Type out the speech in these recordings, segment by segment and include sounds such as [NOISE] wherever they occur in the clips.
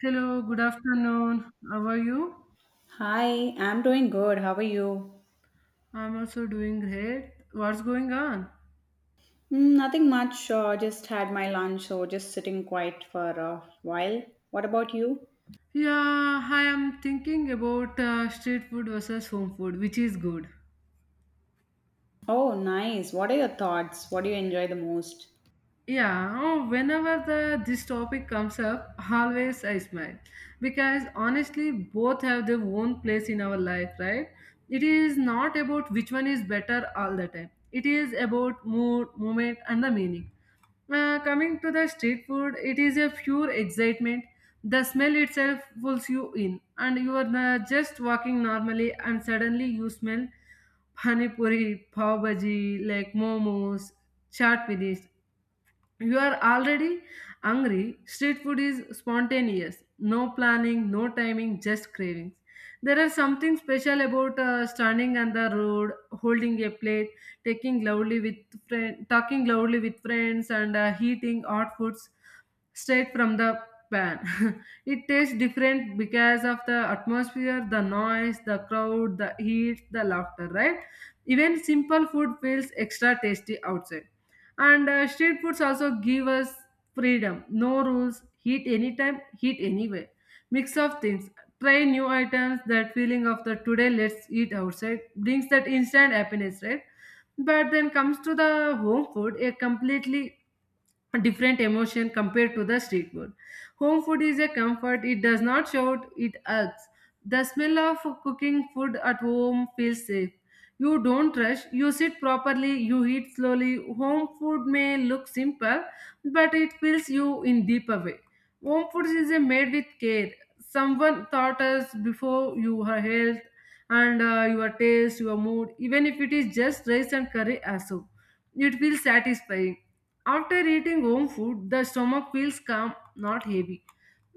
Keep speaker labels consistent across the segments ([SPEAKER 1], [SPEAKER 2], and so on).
[SPEAKER 1] Hello, good afternoon. How are you?
[SPEAKER 2] Hi, I'm doing good. How are you?
[SPEAKER 1] I'm also doing great. What's going on?
[SPEAKER 2] Nothing much. Just had my lunch, so just sitting quiet for a while. What about you?
[SPEAKER 1] Yeah, I am thinking about street food versus home food, which is good.
[SPEAKER 2] Oh, nice. What are your thoughts? What do you enjoy the most?
[SPEAKER 1] Yeah, oh, whenever the this topic comes up, always I smile because honestly, both have their own place in our life, right? It is not about which one is better all the time. It is about mood, moment, and the meaning. Coming to the street food, it is a pure excitement. The smell itself pulls you in, and you are just walking normally, and suddenly you smell pani puri, pav bhaji, like momos, chaat finished, you are already hungry. Street food is spontaneous, no planning, no timing, just cravings. There is something special about standing on the road holding a plate, taking loudly with friend, talking loudly with friends and eating hot foods straight from the pan. [LAUGHS] It tastes different because of the atmosphere, the noise, the crowd, the heat, the laughter, right? Even simple food feels extra tasty outside. And street foods also give us freedom, no rules, heat anytime, heat anyway. Mix of things. Try new items, that feeling of the today let's eat outside brings that instant happiness, right? But then comes to the home food, a completely different emotion compared to the street food. Home food is a comfort, it does not shout, it acts. The smell of cooking food at home feels safe. You don't rush, you sit properly, you eat slowly. Home food may look simple, but it fills you in deeper way. Home food is a made with care. Someone thought us before your health and your taste, your mood, even if it is just rice and curry as so. It feels satisfying after eating home food, the stomach feels calm, not heavy.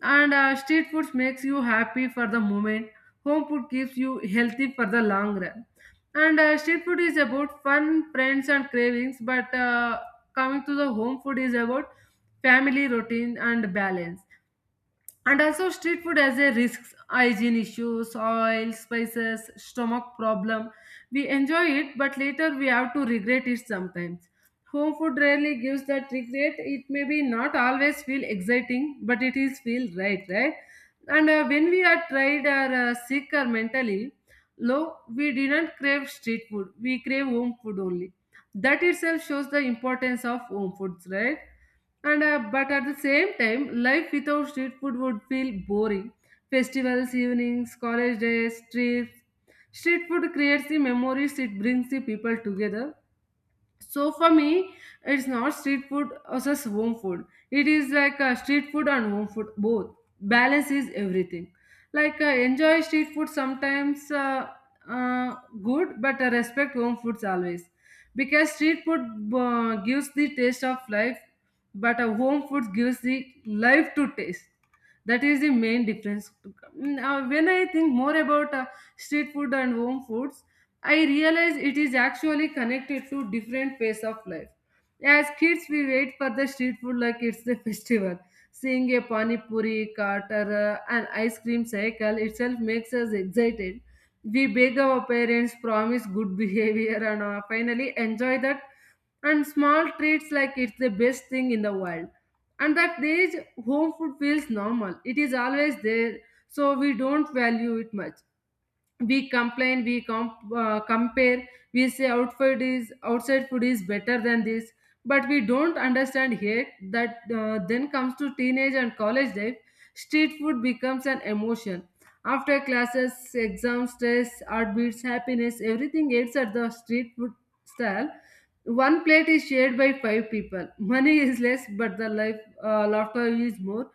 [SPEAKER 1] And street food makes you happy for the moment. Home food keeps you healthy for the long run. And street food is about fun, friends, and cravings. But Coming to the home food is about family routine and balance. And also street food has a risks, hygiene issues, oil, spices, stomach problem. We enjoy it, but later we have to regret it sometimes. Home food rarely gives that regret. It may be not always feel exciting, but it is feel right, right? And when we are tired or sick or mentally low, we didn't crave street food. We crave home food only. That itself shows the importance of home foods, right? And but at the same time, life without street food would feel boring. Festivals, evenings, college days, trips, street food creates the memories, it brings the people together. So for me, it's not street food versus home food. It is like street food and home food both. Balance is everything. Like enjoy street food sometimes uh, good, but respect home foods always. Because street food gives the taste of life, but home food gives the life to taste. That is the main difference. When I think more about street food and home foods, I realize it is actually connected to different phase of life. As kids, we wait for the street food like it's the festival. Seeing a pani puri cart or an ice cream cycle itself makes us excited. We beg our parents, promise good [LAUGHS] behavior, and finally enjoy that. And small treats like it's the best thing in the world. And that age, home food feels normal. It is always there, so we don't value it much. We complain, we compare, we say outfit is outside food is better than this, but we don't understand yet that then comes to teenage and college life. Street food becomes an emotion. After classes, exam stress, heartbeats, happiness, everything eats at the street food stall. One plate is shared by five people, money is less, but the life, laughter is more.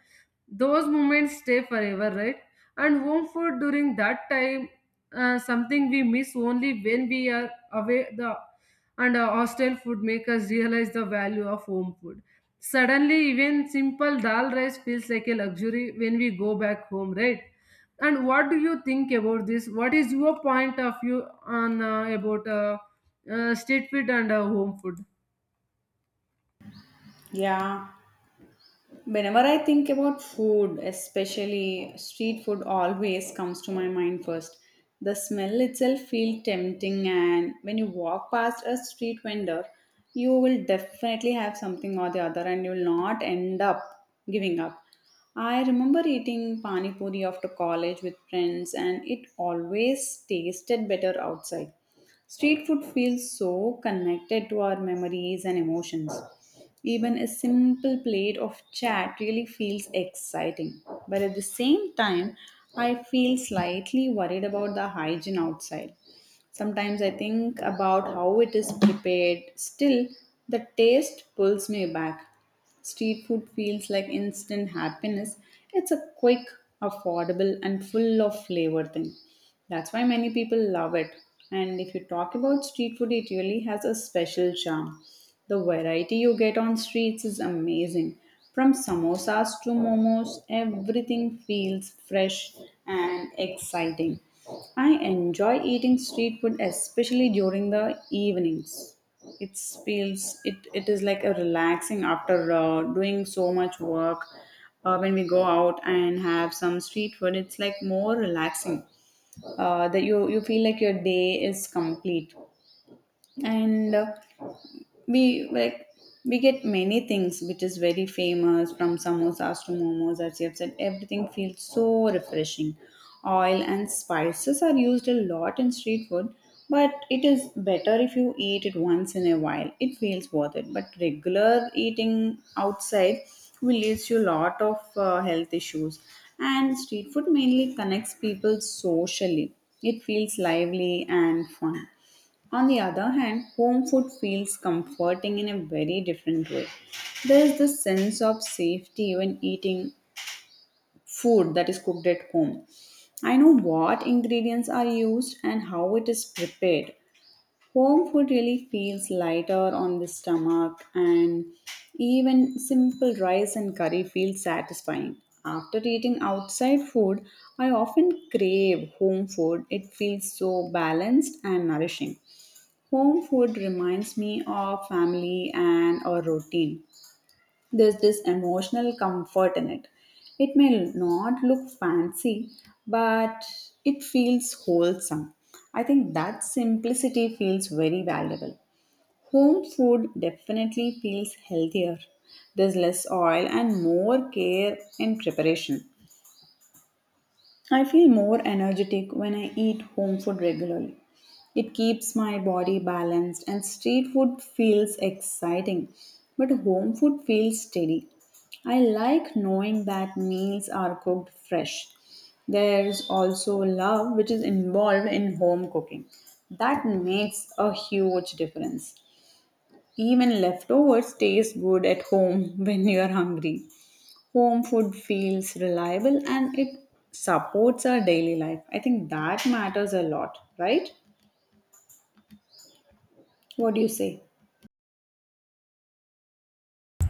[SPEAKER 1] Those moments stay forever, right? And home food during that time, something we miss only when we are away. The and hostel food make us realize the value of home food. Suddenly, even simple dal rice feels like a luxury when we go back home, right? And what do you think about this? What is your point of view on about street food and home food?
[SPEAKER 2] Yeah. Whenever I think about food, especially street food, always comes to my mind first. The smell itself feels tempting, and when you walk past a street vendor, you will definitely have something or the other, and you will not end up giving up. I remember eating pani puri after college with friends, and it always tasted better outside. Street food feels so connected to our memories and emotions. Even a simple plate of chat really feels exciting. But at the same time, I feel slightly worried about the hygiene outside. Sometimes I think about how it is prepared. Still, the taste pulls me back. Street food feels like instant happiness. It's a quick, affordable, and full of flavor thing. That's why many people love it. And if you talk about street food, it really has a special charm. The variety you get on streets is amazing. From samosas to momos, everything feels fresh and exciting. I enjoy eating street food especially during the evenings. It feels it is like a relaxing after doing so much work. When we go out and have some street food, it's like more relaxing. That you feel like your day is complete and we like we get many things which is very famous from samosas to momos, as you have said, everything feels so refreshing. Oil and spices are used a lot in street food, but it is better if you eat it once in a while. It feels worth it, but regular eating outside will leads you a lot of health issues. And street food mainly connects people socially. It feels lively and fun. On the other hand, home food feels comforting in a very different way. There is this sense of safety when eating food that is cooked at home. I know what ingredients are used and how it is prepared. Home food really feels lighter on the stomach, and even simple rice and curry feels satisfying. After eating outside food, I often crave home food. It feels so balanced and nourishing. Home food reminds me of family and a routine. There's this emotional comfort in it. It may not look fancy, but it feels wholesome. I think that simplicity feels very valuable. Home food definitely feels healthier. There's less oil and more care in preparation. I feel more energetic when I eat home food regularly. It keeps my body balanced, and street food feels exciting, but home food feels steady. I like knowing that meals are cooked fresh. There's also love which is involved in home cooking. That makes a huge difference. Even leftovers taste good at home [LAUGHS] when you're hungry. Home food feels reliable, and it supports our daily life. I think that matters a lot, right? What do you say?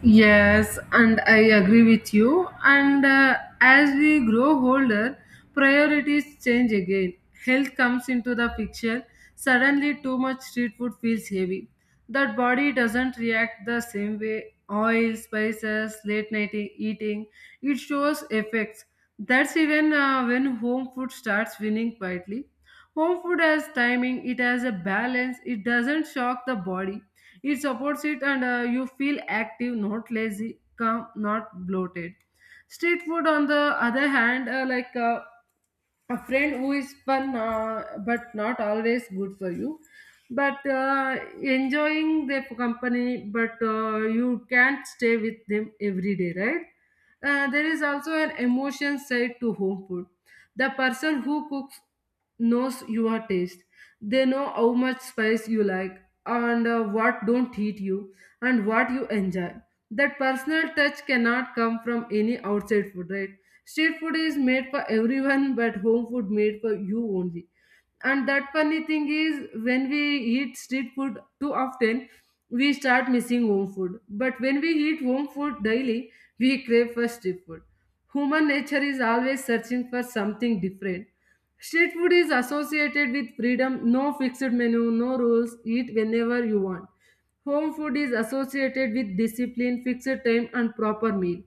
[SPEAKER 1] Yes, and I agree with you. And as we grow older, priorities change again. Health comes into the picture. Suddenly, too much street food feels heavy. That body doesn't react the same way. Oil, spices, late night eating, it shows effects. That's even when home food starts winning quietly. Home food has timing, it has a balance, it doesn't shock the body, it supports it, and you feel active, not lazy, calm, not bloated. Street food, on the other hand, like a friend who is fun but not always good for you, but enjoying their company, but you can't stay with them every day, right? There is also an emotion side to home food. The person who cooks knows your taste. They know how much spice you like and what don't heat you and what you enjoy. That personal touch cannot come from any outside food, right? Street food is made for everyone, but home food made for you only. And that funny thing is, when we eat street food too often, we start missing home food. But when we eat home food daily, we crave for street food. Human nature is always searching for something different. Street food is associated with freedom, no fixed menu, no rules, eat whenever you want. Home food is associated with discipline, fixed time and proper meal.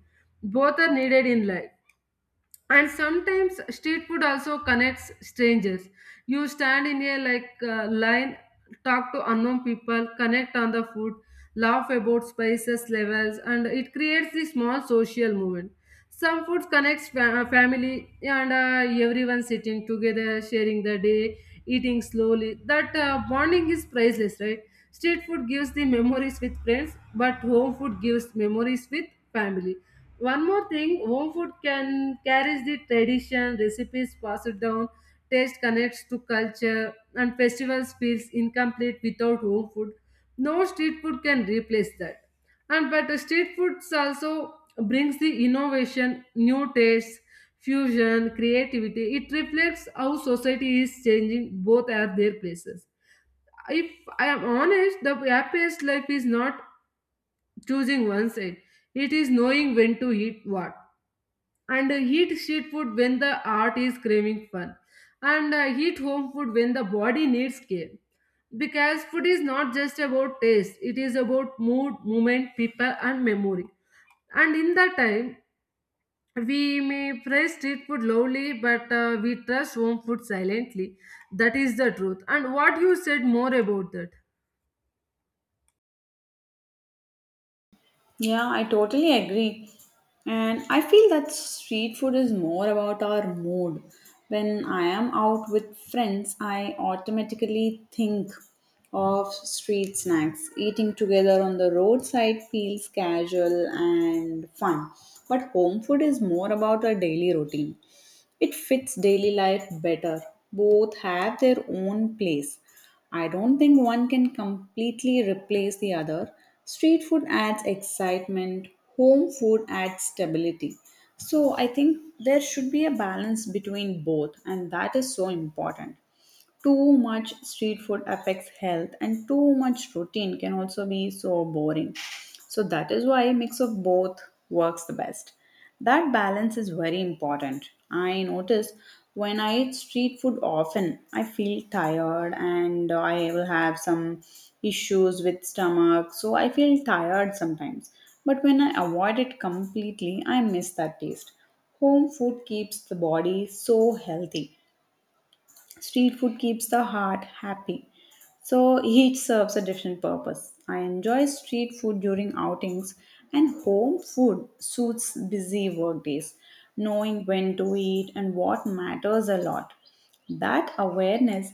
[SPEAKER 1] Both are needed in life. And sometimes street food also connects strangers. You stand in a like line, talk to unknown people, connect on the food, laugh about spices levels, and it creates this small social movement. Some foods connects family, and everyone sitting together, sharing the day, eating slowly, that bonding is priceless, right? Street food gives the memories with friends, but home food gives memories with family. One more thing, home food can carries the tradition, recipes passed down, taste connects to culture, and festivals feels incomplete without home food. No street food can replace that. And but the street foods also brings the innovation, new tastes, fusion, creativity. It reflects how society is changing. Both are their places. If I am honest, the happiest life is not choosing one side. It is knowing when to eat what, and eat street food when the art is craving fun, and eat home food when the body needs care. Because food is not just about taste, it is about mood, moment, people and memory. And in that time, we may praise street food loudly, but we trust home food silently. That is the truth. And what you said more about that?
[SPEAKER 2] Yeah, I totally agree. And I feel that street food is more about our mood. When I am out with friends, I automatically think of street snacks. Eating together on the roadside feels casual and fun. But home food is more about our daily routine. It fits daily life better. Both have their own place. I don't think one can completely replace the other. Street food adds excitement, home food adds stability. So I think there should be a balance between both, and that is so important. Too much street food affects health, and too much routine can also be so boring. So that is why mix of both works the best. That balance is very important. I notice when I eat street food often, I feel tired and I will have some issues with stomach. So I feel tired sometimes. But when I avoid it completely, I miss that taste. Home food keeps the body so healthy. Street food keeps the heart happy. So each serves a different purpose. I enjoy street food during outings, and home food suits busy work days. Knowing when to eat and what matters a lot. That awareness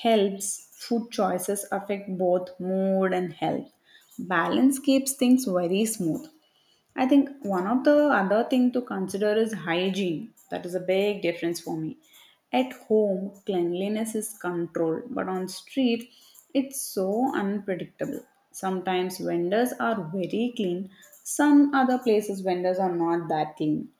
[SPEAKER 2] helps food choices affect both mood and health. Balance keeps things very smooth. I think one of the other thing to consider is hygiene. That is a big difference for me. At home, cleanliness is controlled, but on street, it's so unpredictable. Sometimes vendors are very clean, some other places vendors are not that clean.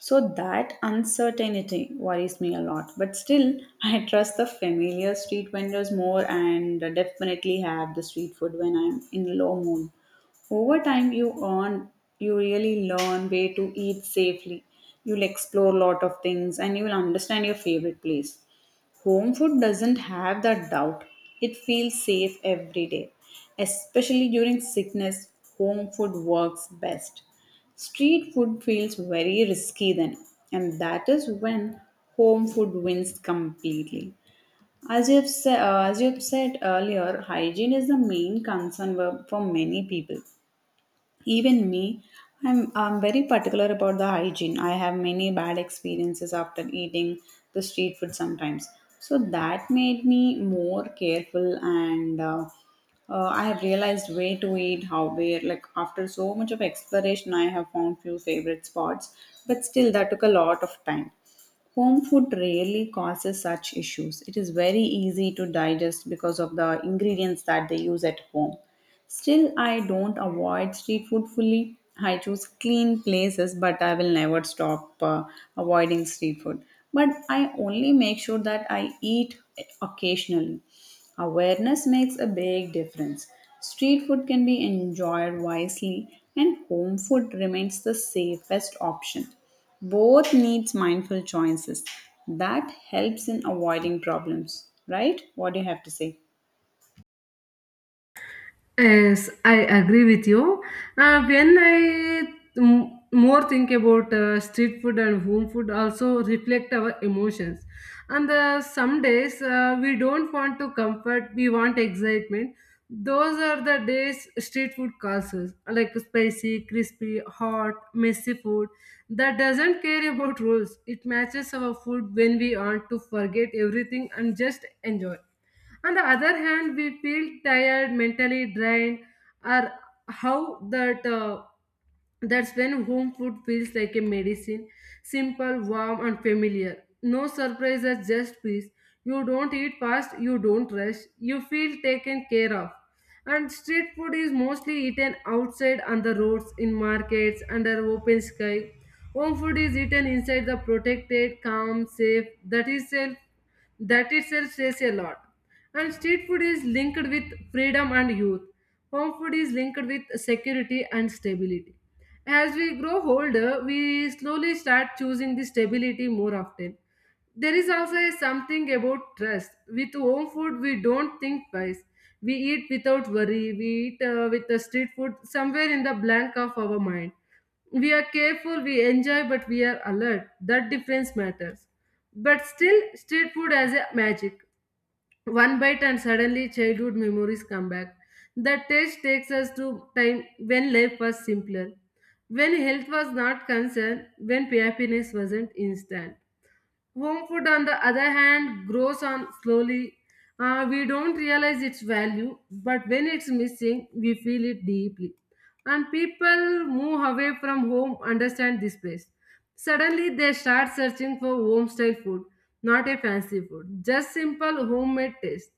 [SPEAKER 2] So that uncertainty worries me a lot. But still, [LAUGHS] I trust the familiar street vendors more and definitely have the street food when I'm in low mood. Over time, you really learn where to eat safely. You'll explore a lot of things, and you will understand your favorite place. Home food doesn't have that doubt. It feels safe every day. Especially during sickness, home food works best. Street food feels very risky then, and that is when home food wins completely. As you've said earlier, hygiene is the main concern for many people. Even me, I'm very particular about the hygiene. I have many bad experiences after eating the street food sometimes. So that made me more careful, and I have realized where to eat, how, where. Like after so much of exploration, I have found few favorite spots, but still that took a lot of time. Home food rarely causes such issues. It is very easy to digest because of the ingredients that they use at home. Still, I don't avoid street food fully. I choose clean places, but I will never stop avoiding street food. But I only make sure that I eat occasionally. Awareness makes a big difference. Street food can be enjoyed wisely, and home food remains the safest option. Both needs mindful choices. That helps in avoiding problems, right? What do you have to say?
[SPEAKER 1] Yes, I agree with you. When I more think about street food and home food, also reflect our emotions. And some days we don't want to comfort, we want excitement. Those are the days street food causes, like spicy, crispy, hot, messy food that doesn't care about rules. It matches our food when we want to forget everything and just enjoy. On the other hand, we feel tired, mentally drained, or how that that's when home food feels like a medicine, simple, warm, and familiar. No surprises, just peace. You don't eat fast, you don't rush, you feel taken care of. And street food is mostly eaten outside on the roads, in markets, under open sky. Home food is eaten inside the protected, calm, safe. That is self. That itself says a lot. And street food is linked with freedom and youth. Home food is linked with security and stability. As we grow older, we slowly start choosing the stability more often. There is also a something about trust. With home food, we don't think twice. We eat without worry. We eat with the street food somewhere in the blank of our mind. We are careful, we enjoy, but we are alert. That difference matters. But still, street food has a magic. One bite and suddenly childhood memories come back. The taste takes us to time when life was simpler, when health was not concerned, when happiness wasn't instant. Home food, on the other hand, grows on slowly. We don't realize its value, but when it's missing, we feel it deeply. And people move away from home understand this place. Suddenly, they start searching for home style food, not a fancy food, just simple homemade taste.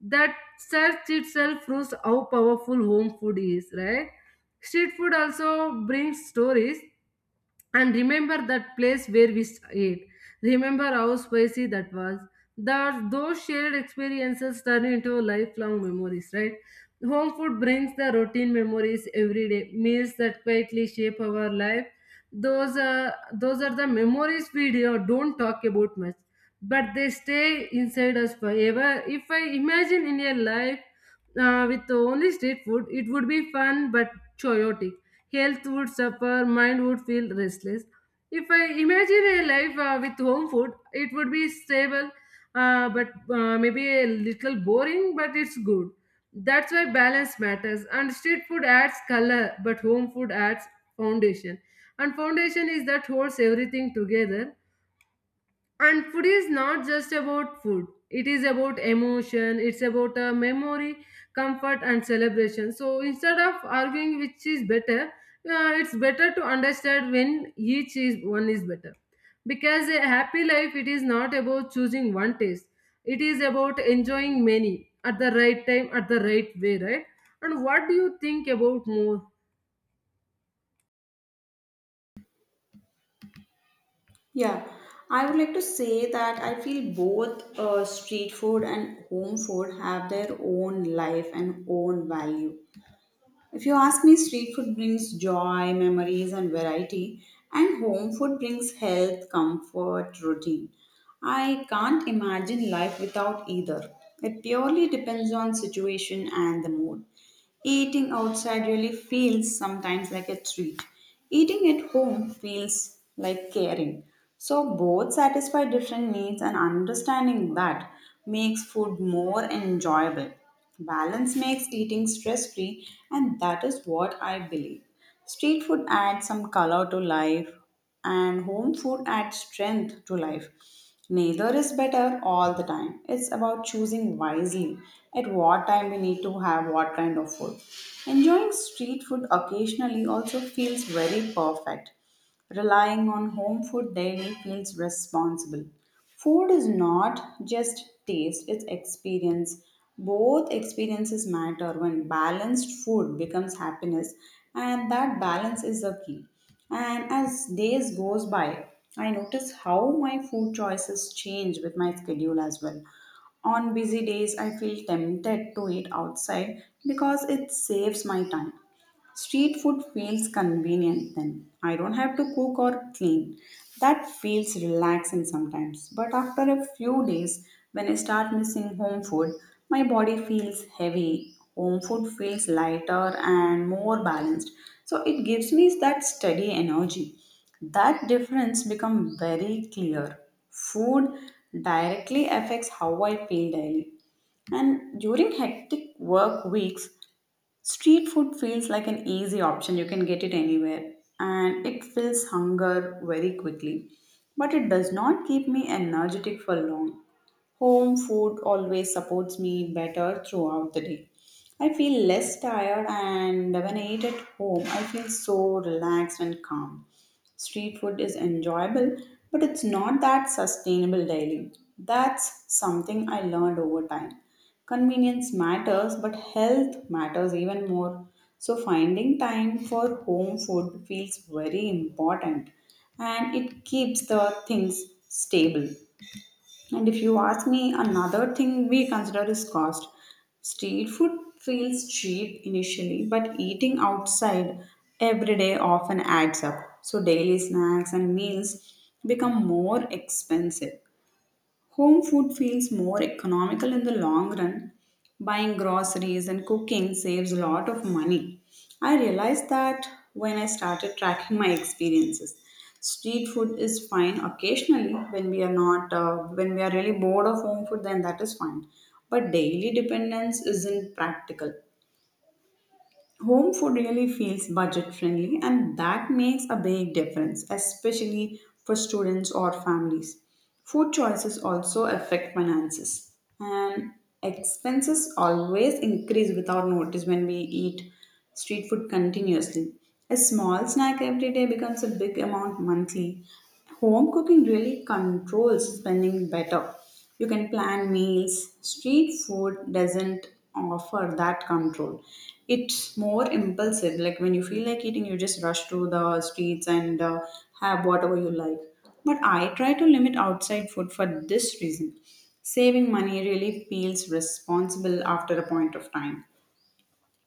[SPEAKER 1] That search itself proves how powerful home food is, right? Street food also brings stories and remember that place where we ate. Remember how spicy that was. That those shared experiences turn into lifelong memories, right? Home food brings the routine memories every day, meals that quietly shape our life. Those are the memories we don't talk about much, but they stay inside us forever. If I imagine in a life with only street food, it would be fun but chaotic. Health would suffer, mind would feel restless. If I imagine a life with home food, it would be stable, but maybe a little boring, but it's good. That's why balance matters. And street food adds color, but home food adds foundation. And foundation is that holds everything together. And food is not just about food. It is about emotion, it's about a memory, comfort, and celebration. So instead of arguing which is better, it's better to understand when each is one is better. Because a happy life, it is not about choosing one taste. It is about enjoying many at the right time, at the right way, right? And what do you think about more?
[SPEAKER 2] Yeah, I would like to say that I feel both street food and home food have their own life and own value. If you ask me, street food brings joy, memories, and variety, and home food brings health, comfort, routine. I can't imagine life without either. It purely depends on situation and the mood. Eating outside really feels sometimes like a treat. Eating at home feels like caring. So, both satisfy different needs, and understanding that makes food more enjoyable. Balance makes eating stress free, and that is what I believe. Street food adds some color to life, and home food adds strength to life. Neither is better all the time. It's about choosing wisely at what time we need to have what kind of food. Enjoying street food occasionally also feels very perfect. Relying on home food daily feels responsible. Food is not just taste, it's experience. Both experiences matter when balanced food becomes happiness, and that balance is the key. And as days goes by, I notice how my food choices change with my schedule as well. On busy days, I feel tempted to eat outside because it saves my time. Street food feels convenient then. I don't have to cook or clean. That feels relaxing sometimes. But after a few days, when I start missing home food, my body feels heavy. Home food feels lighter and more balanced. So it gives me that steady energy. That difference becomes very clear. Food directly affects how I feel daily. And during hectic work weeks, street food feels like an easy option. You can get it anywhere, and it fills hunger very quickly. But it does not keep me energetic for long. Home food always supports me better throughout the day. I feel less tired, and when I eat at home, I feel so relaxed and calm. Street food is enjoyable, but it's not that sustainable daily. That's something I learned over time. Convenience matters, but health matters even more. So, finding time for home food feels very important, and it keeps the things stable. And if you ask me, another thing we consider is cost. Street food feels cheap initially, but eating outside every day often adds up. So daily snacks and meals become more expensive. Home food feels more economical in the long run. Buying groceries and cooking saves a lot of money. I realized that when I started tracking my experiences. Street food is fine occasionally when we are not when we are really bored of home food, then that is fine. But daily dependence isn't practical. Home food really feels budget friendly, and that makes a big difference, especially for students or families. Food choices also affect finances, and expenses always increase without notice when we eat street food continuously. A small snack every day becomes a big amount monthly. Home cooking really controls spending better. You can plan meals. Street food doesn't offer that control. It's more impulsive. Like when you feel like eating, you just rush to the streets and have whatever you like. But I try to limit outside food for this reason. Saving money really feels responsible after a point of time.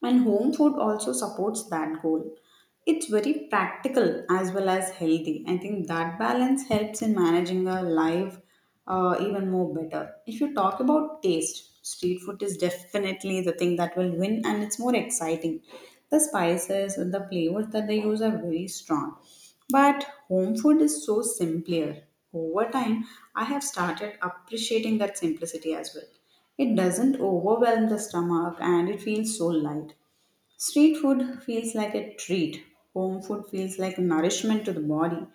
[SPEAKER 2] And home food also supports that goal. It's very practical as well as healthy. I think that balance helps in managing our life even more better. If you talk about taste, street food is definitely the thing that will win, and it's more exciting. The spices and the flavors that they use are very strong. But home food is so simpler. Over time, I have started appreciating that simplicity as well. It doesn't overwhelm the stomach and it feels so light. Street food feels like a treat. Home food feels like nourishment to the body.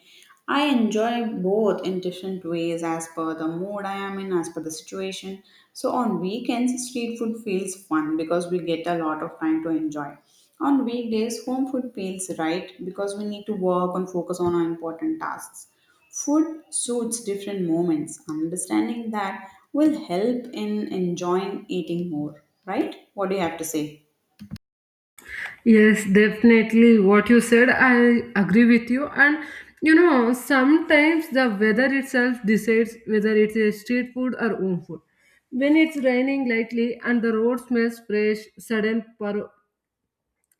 [SPEAKER 2] I enjoy both in different ways as per the mood I am in, as per the situation. So on weekends, street food feels fun because we get a lot of time to enjoy. On weekdays, home food feels right because we need to work and focus on our important tasks. Food suits different moments. Understanding that will help in enjoying eating more, right? What do you have to say?
[SPEAKER 1] Yes, definitely. What you said, I agree with you. And you know, sometimes the weather itself decides whether it's a street food or home food. When it's raining lightly and the road smells fresh, sudden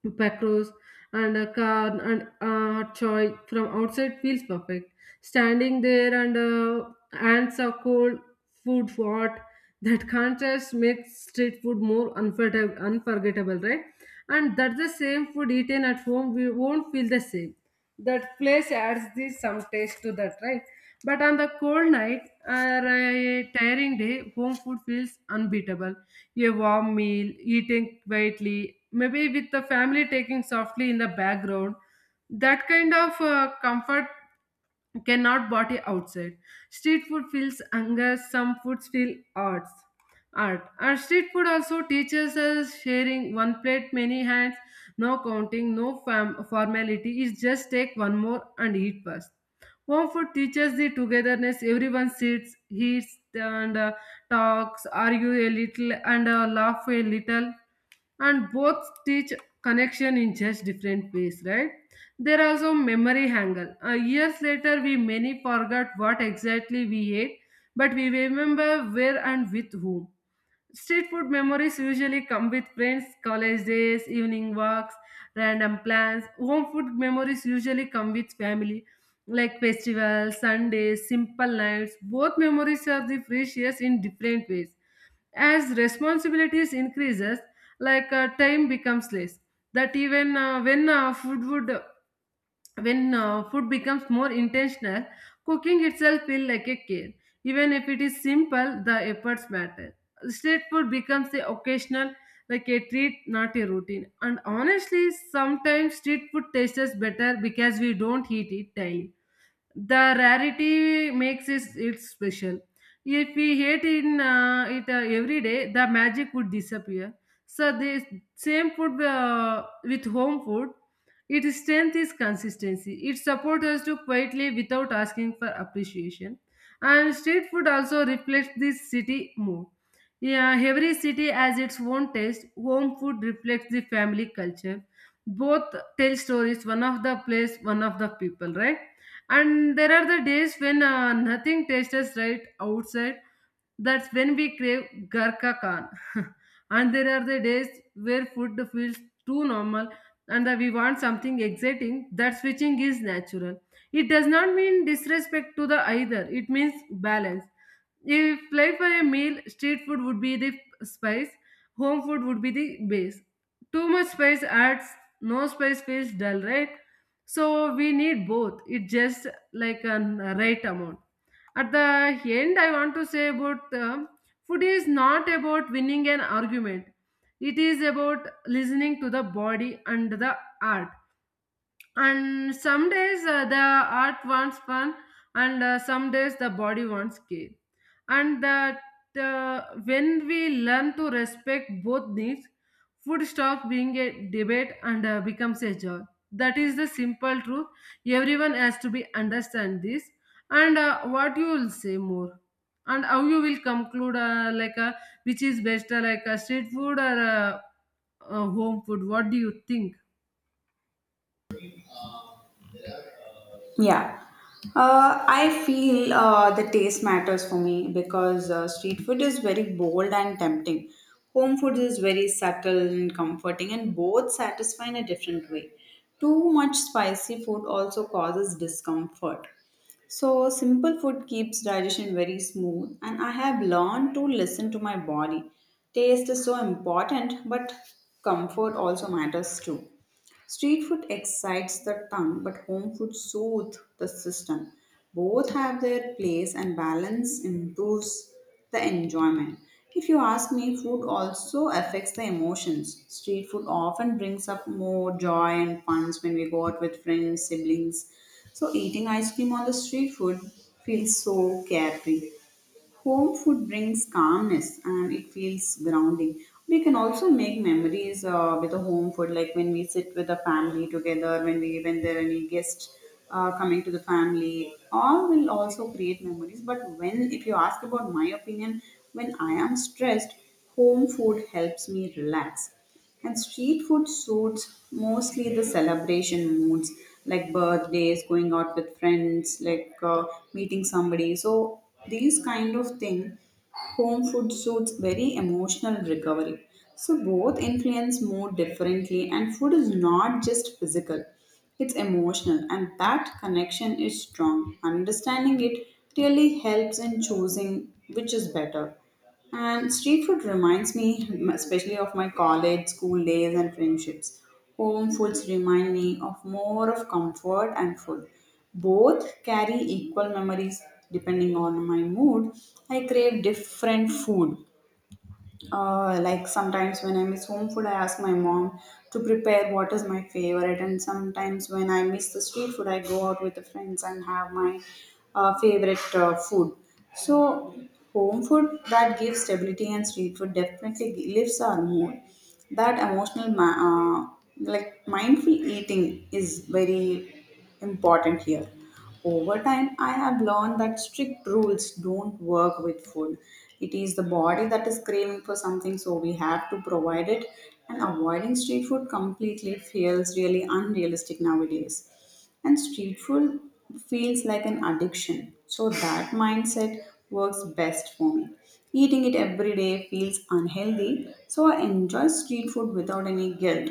[SPEAKER 1] Pacros and a car and choy from outside feels perfect. Standing there and ants are cold, food hot. [LAUGHS] That contrast makes street food more unforgettable, right? And that's the same food eaten at home. We won't feel the same, that place adds this some taste to that, right? But on the cold night or a tiring day, home food feels unbeatable. A warm meal eating quietly maybe with the family taking softly in the background, that kind of comfort cannot body outside. Street food feels hunger, some foods feel odds art. Our street food also teaches us sharing, one plate, many hands, no counting, no formality. Is just take one more and eat first. Home food teaches the togetherness. Everyone sits, eats, and talks, argue a little, and laugh a little. And both teach connection in just different ways, right? There are also memory angle. Years later, we many forgot what exactly we ate, but we remember where and with whom. Street food memories usually come with friends, college days, evening walks, random plans. Home food memories usually come with family, like festivals, Sundays, simple nights. Both memories are the precious in different ways. As responsibilities increases, like time becomes less. That even when food would when food becomes more intentional, cooking itself feels like a care. Even if it is simple, the efforts matter. Street food becomes the occasional, like a treat, not a routine. And honestly, sometimes street food tastes better because we don't eat it daily. The rarity makes it special. If we ate in it every day, the magic would disappear. So the same food with home food, its strength is consistency. It supports us to quietly without asking for appreciation. And street food also reflects this city mood, yeah, every city has its own taste. Home food reflects the family culture. Both tell stories, one of the place, one of the people, right? And there are the days when nothing tastes right outside, that's when we crave Garka Khan. [LAUGHS] And there are the days where food feels too normal and that we want something exciting. That switching is natural. It does not mean disrespect to the either, it means balance. If life were a meal, street food would be the spice, home food would be the base. Too much spice adds, no spice feels dull, right? So we need both. It's just like a right amount. At the end, I want to say about food is not about winning an argument. It is about listening to the body and the heart. And some days the heart wants fun, and some days the body wants care. And that when we learn to respect both needs, food stops being a debate and becomes a joy. That is the simple truth. Everyone has to be understand this. And what you will say more, and how you will conclude, which is best, like street food or home food. What do you think?
[SPEAKER 2] Yeah. I feel the taste matters for me because street food is very bold and tempting. Home food is very subtle and comforting, and both satisfy in a different way. Too much spicy food also causes discomfort. So simple food keeps digestion very smooth, and I have learned to listen to my body. Taste is so important, but comfort also matters too. Street food excites the tongue, but home food soothes the system. Both have their place, and balance improves the enjoyment. If you ask me, food also affects the emotions. Street food often brings up more joy and fun when we go out with friends, siblings. So eating ice cream on the street food feels so carefree. Home food brings calmness and it feels grounding. We can also make memories with the home food, like when we sit with the family together, when there are any guests coming to the family. All will also create memories. But when, if you ask about my opinion, when I am stressed, home food helps me relax. And street food suits mostly the celebration moods, like birthdays, going out with friends, like meeting somebody. So these kind of thing, home food suits very emotional recovery. So both influence mood differently, and food is not just physical; it's emotional, and that connection is strong. Understanding it really helps in choosing which is better. And street food reminds me, especially of my college, school days, and friendships. Home foods remind me of more of comfort and food. Both carry equal memories depending on my mood. I crave different food. Like sometimes when I miss home food, I ask my mom to prepare what is my favorite. And sometimes when I miss the street food, I go out with the friends and have my favorite food. So home food that gives stability and street food definitely lifts our mood. That emotional, ma- uh, like mindful eating is very important here. Over time, I have learned that strict rules don't work with food. It is the body that is craving for something, so we have to provide it. And avoiding street food completely feels really unrealistic nowadays. And street food feels like an addiction. So that mindset works best for me. Eating it every day feels unhealthy. So I enjoy street food without any guilt.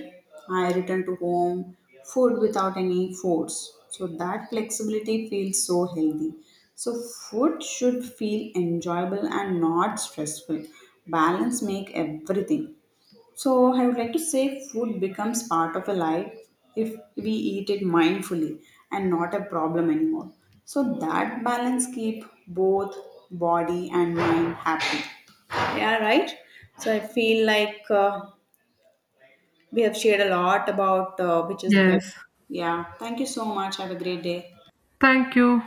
[SPEAKER 2] I return to home food without any force. So that flexibility feels so healthy. So food should feel enjoyable and not stressful. Balance make everything. So I would like to say food becomes part of a life if we eat it mindfully and not a problem anymore. So that balance keep both body and mind happy. Yeah, right. So I feel like we have shared a lot about which is better.
[SPEAKER 1] Yes.
[SPEAKER 2] Yeah. Thank you so much. Have a great day.
[SPEAKER 1] Thank you.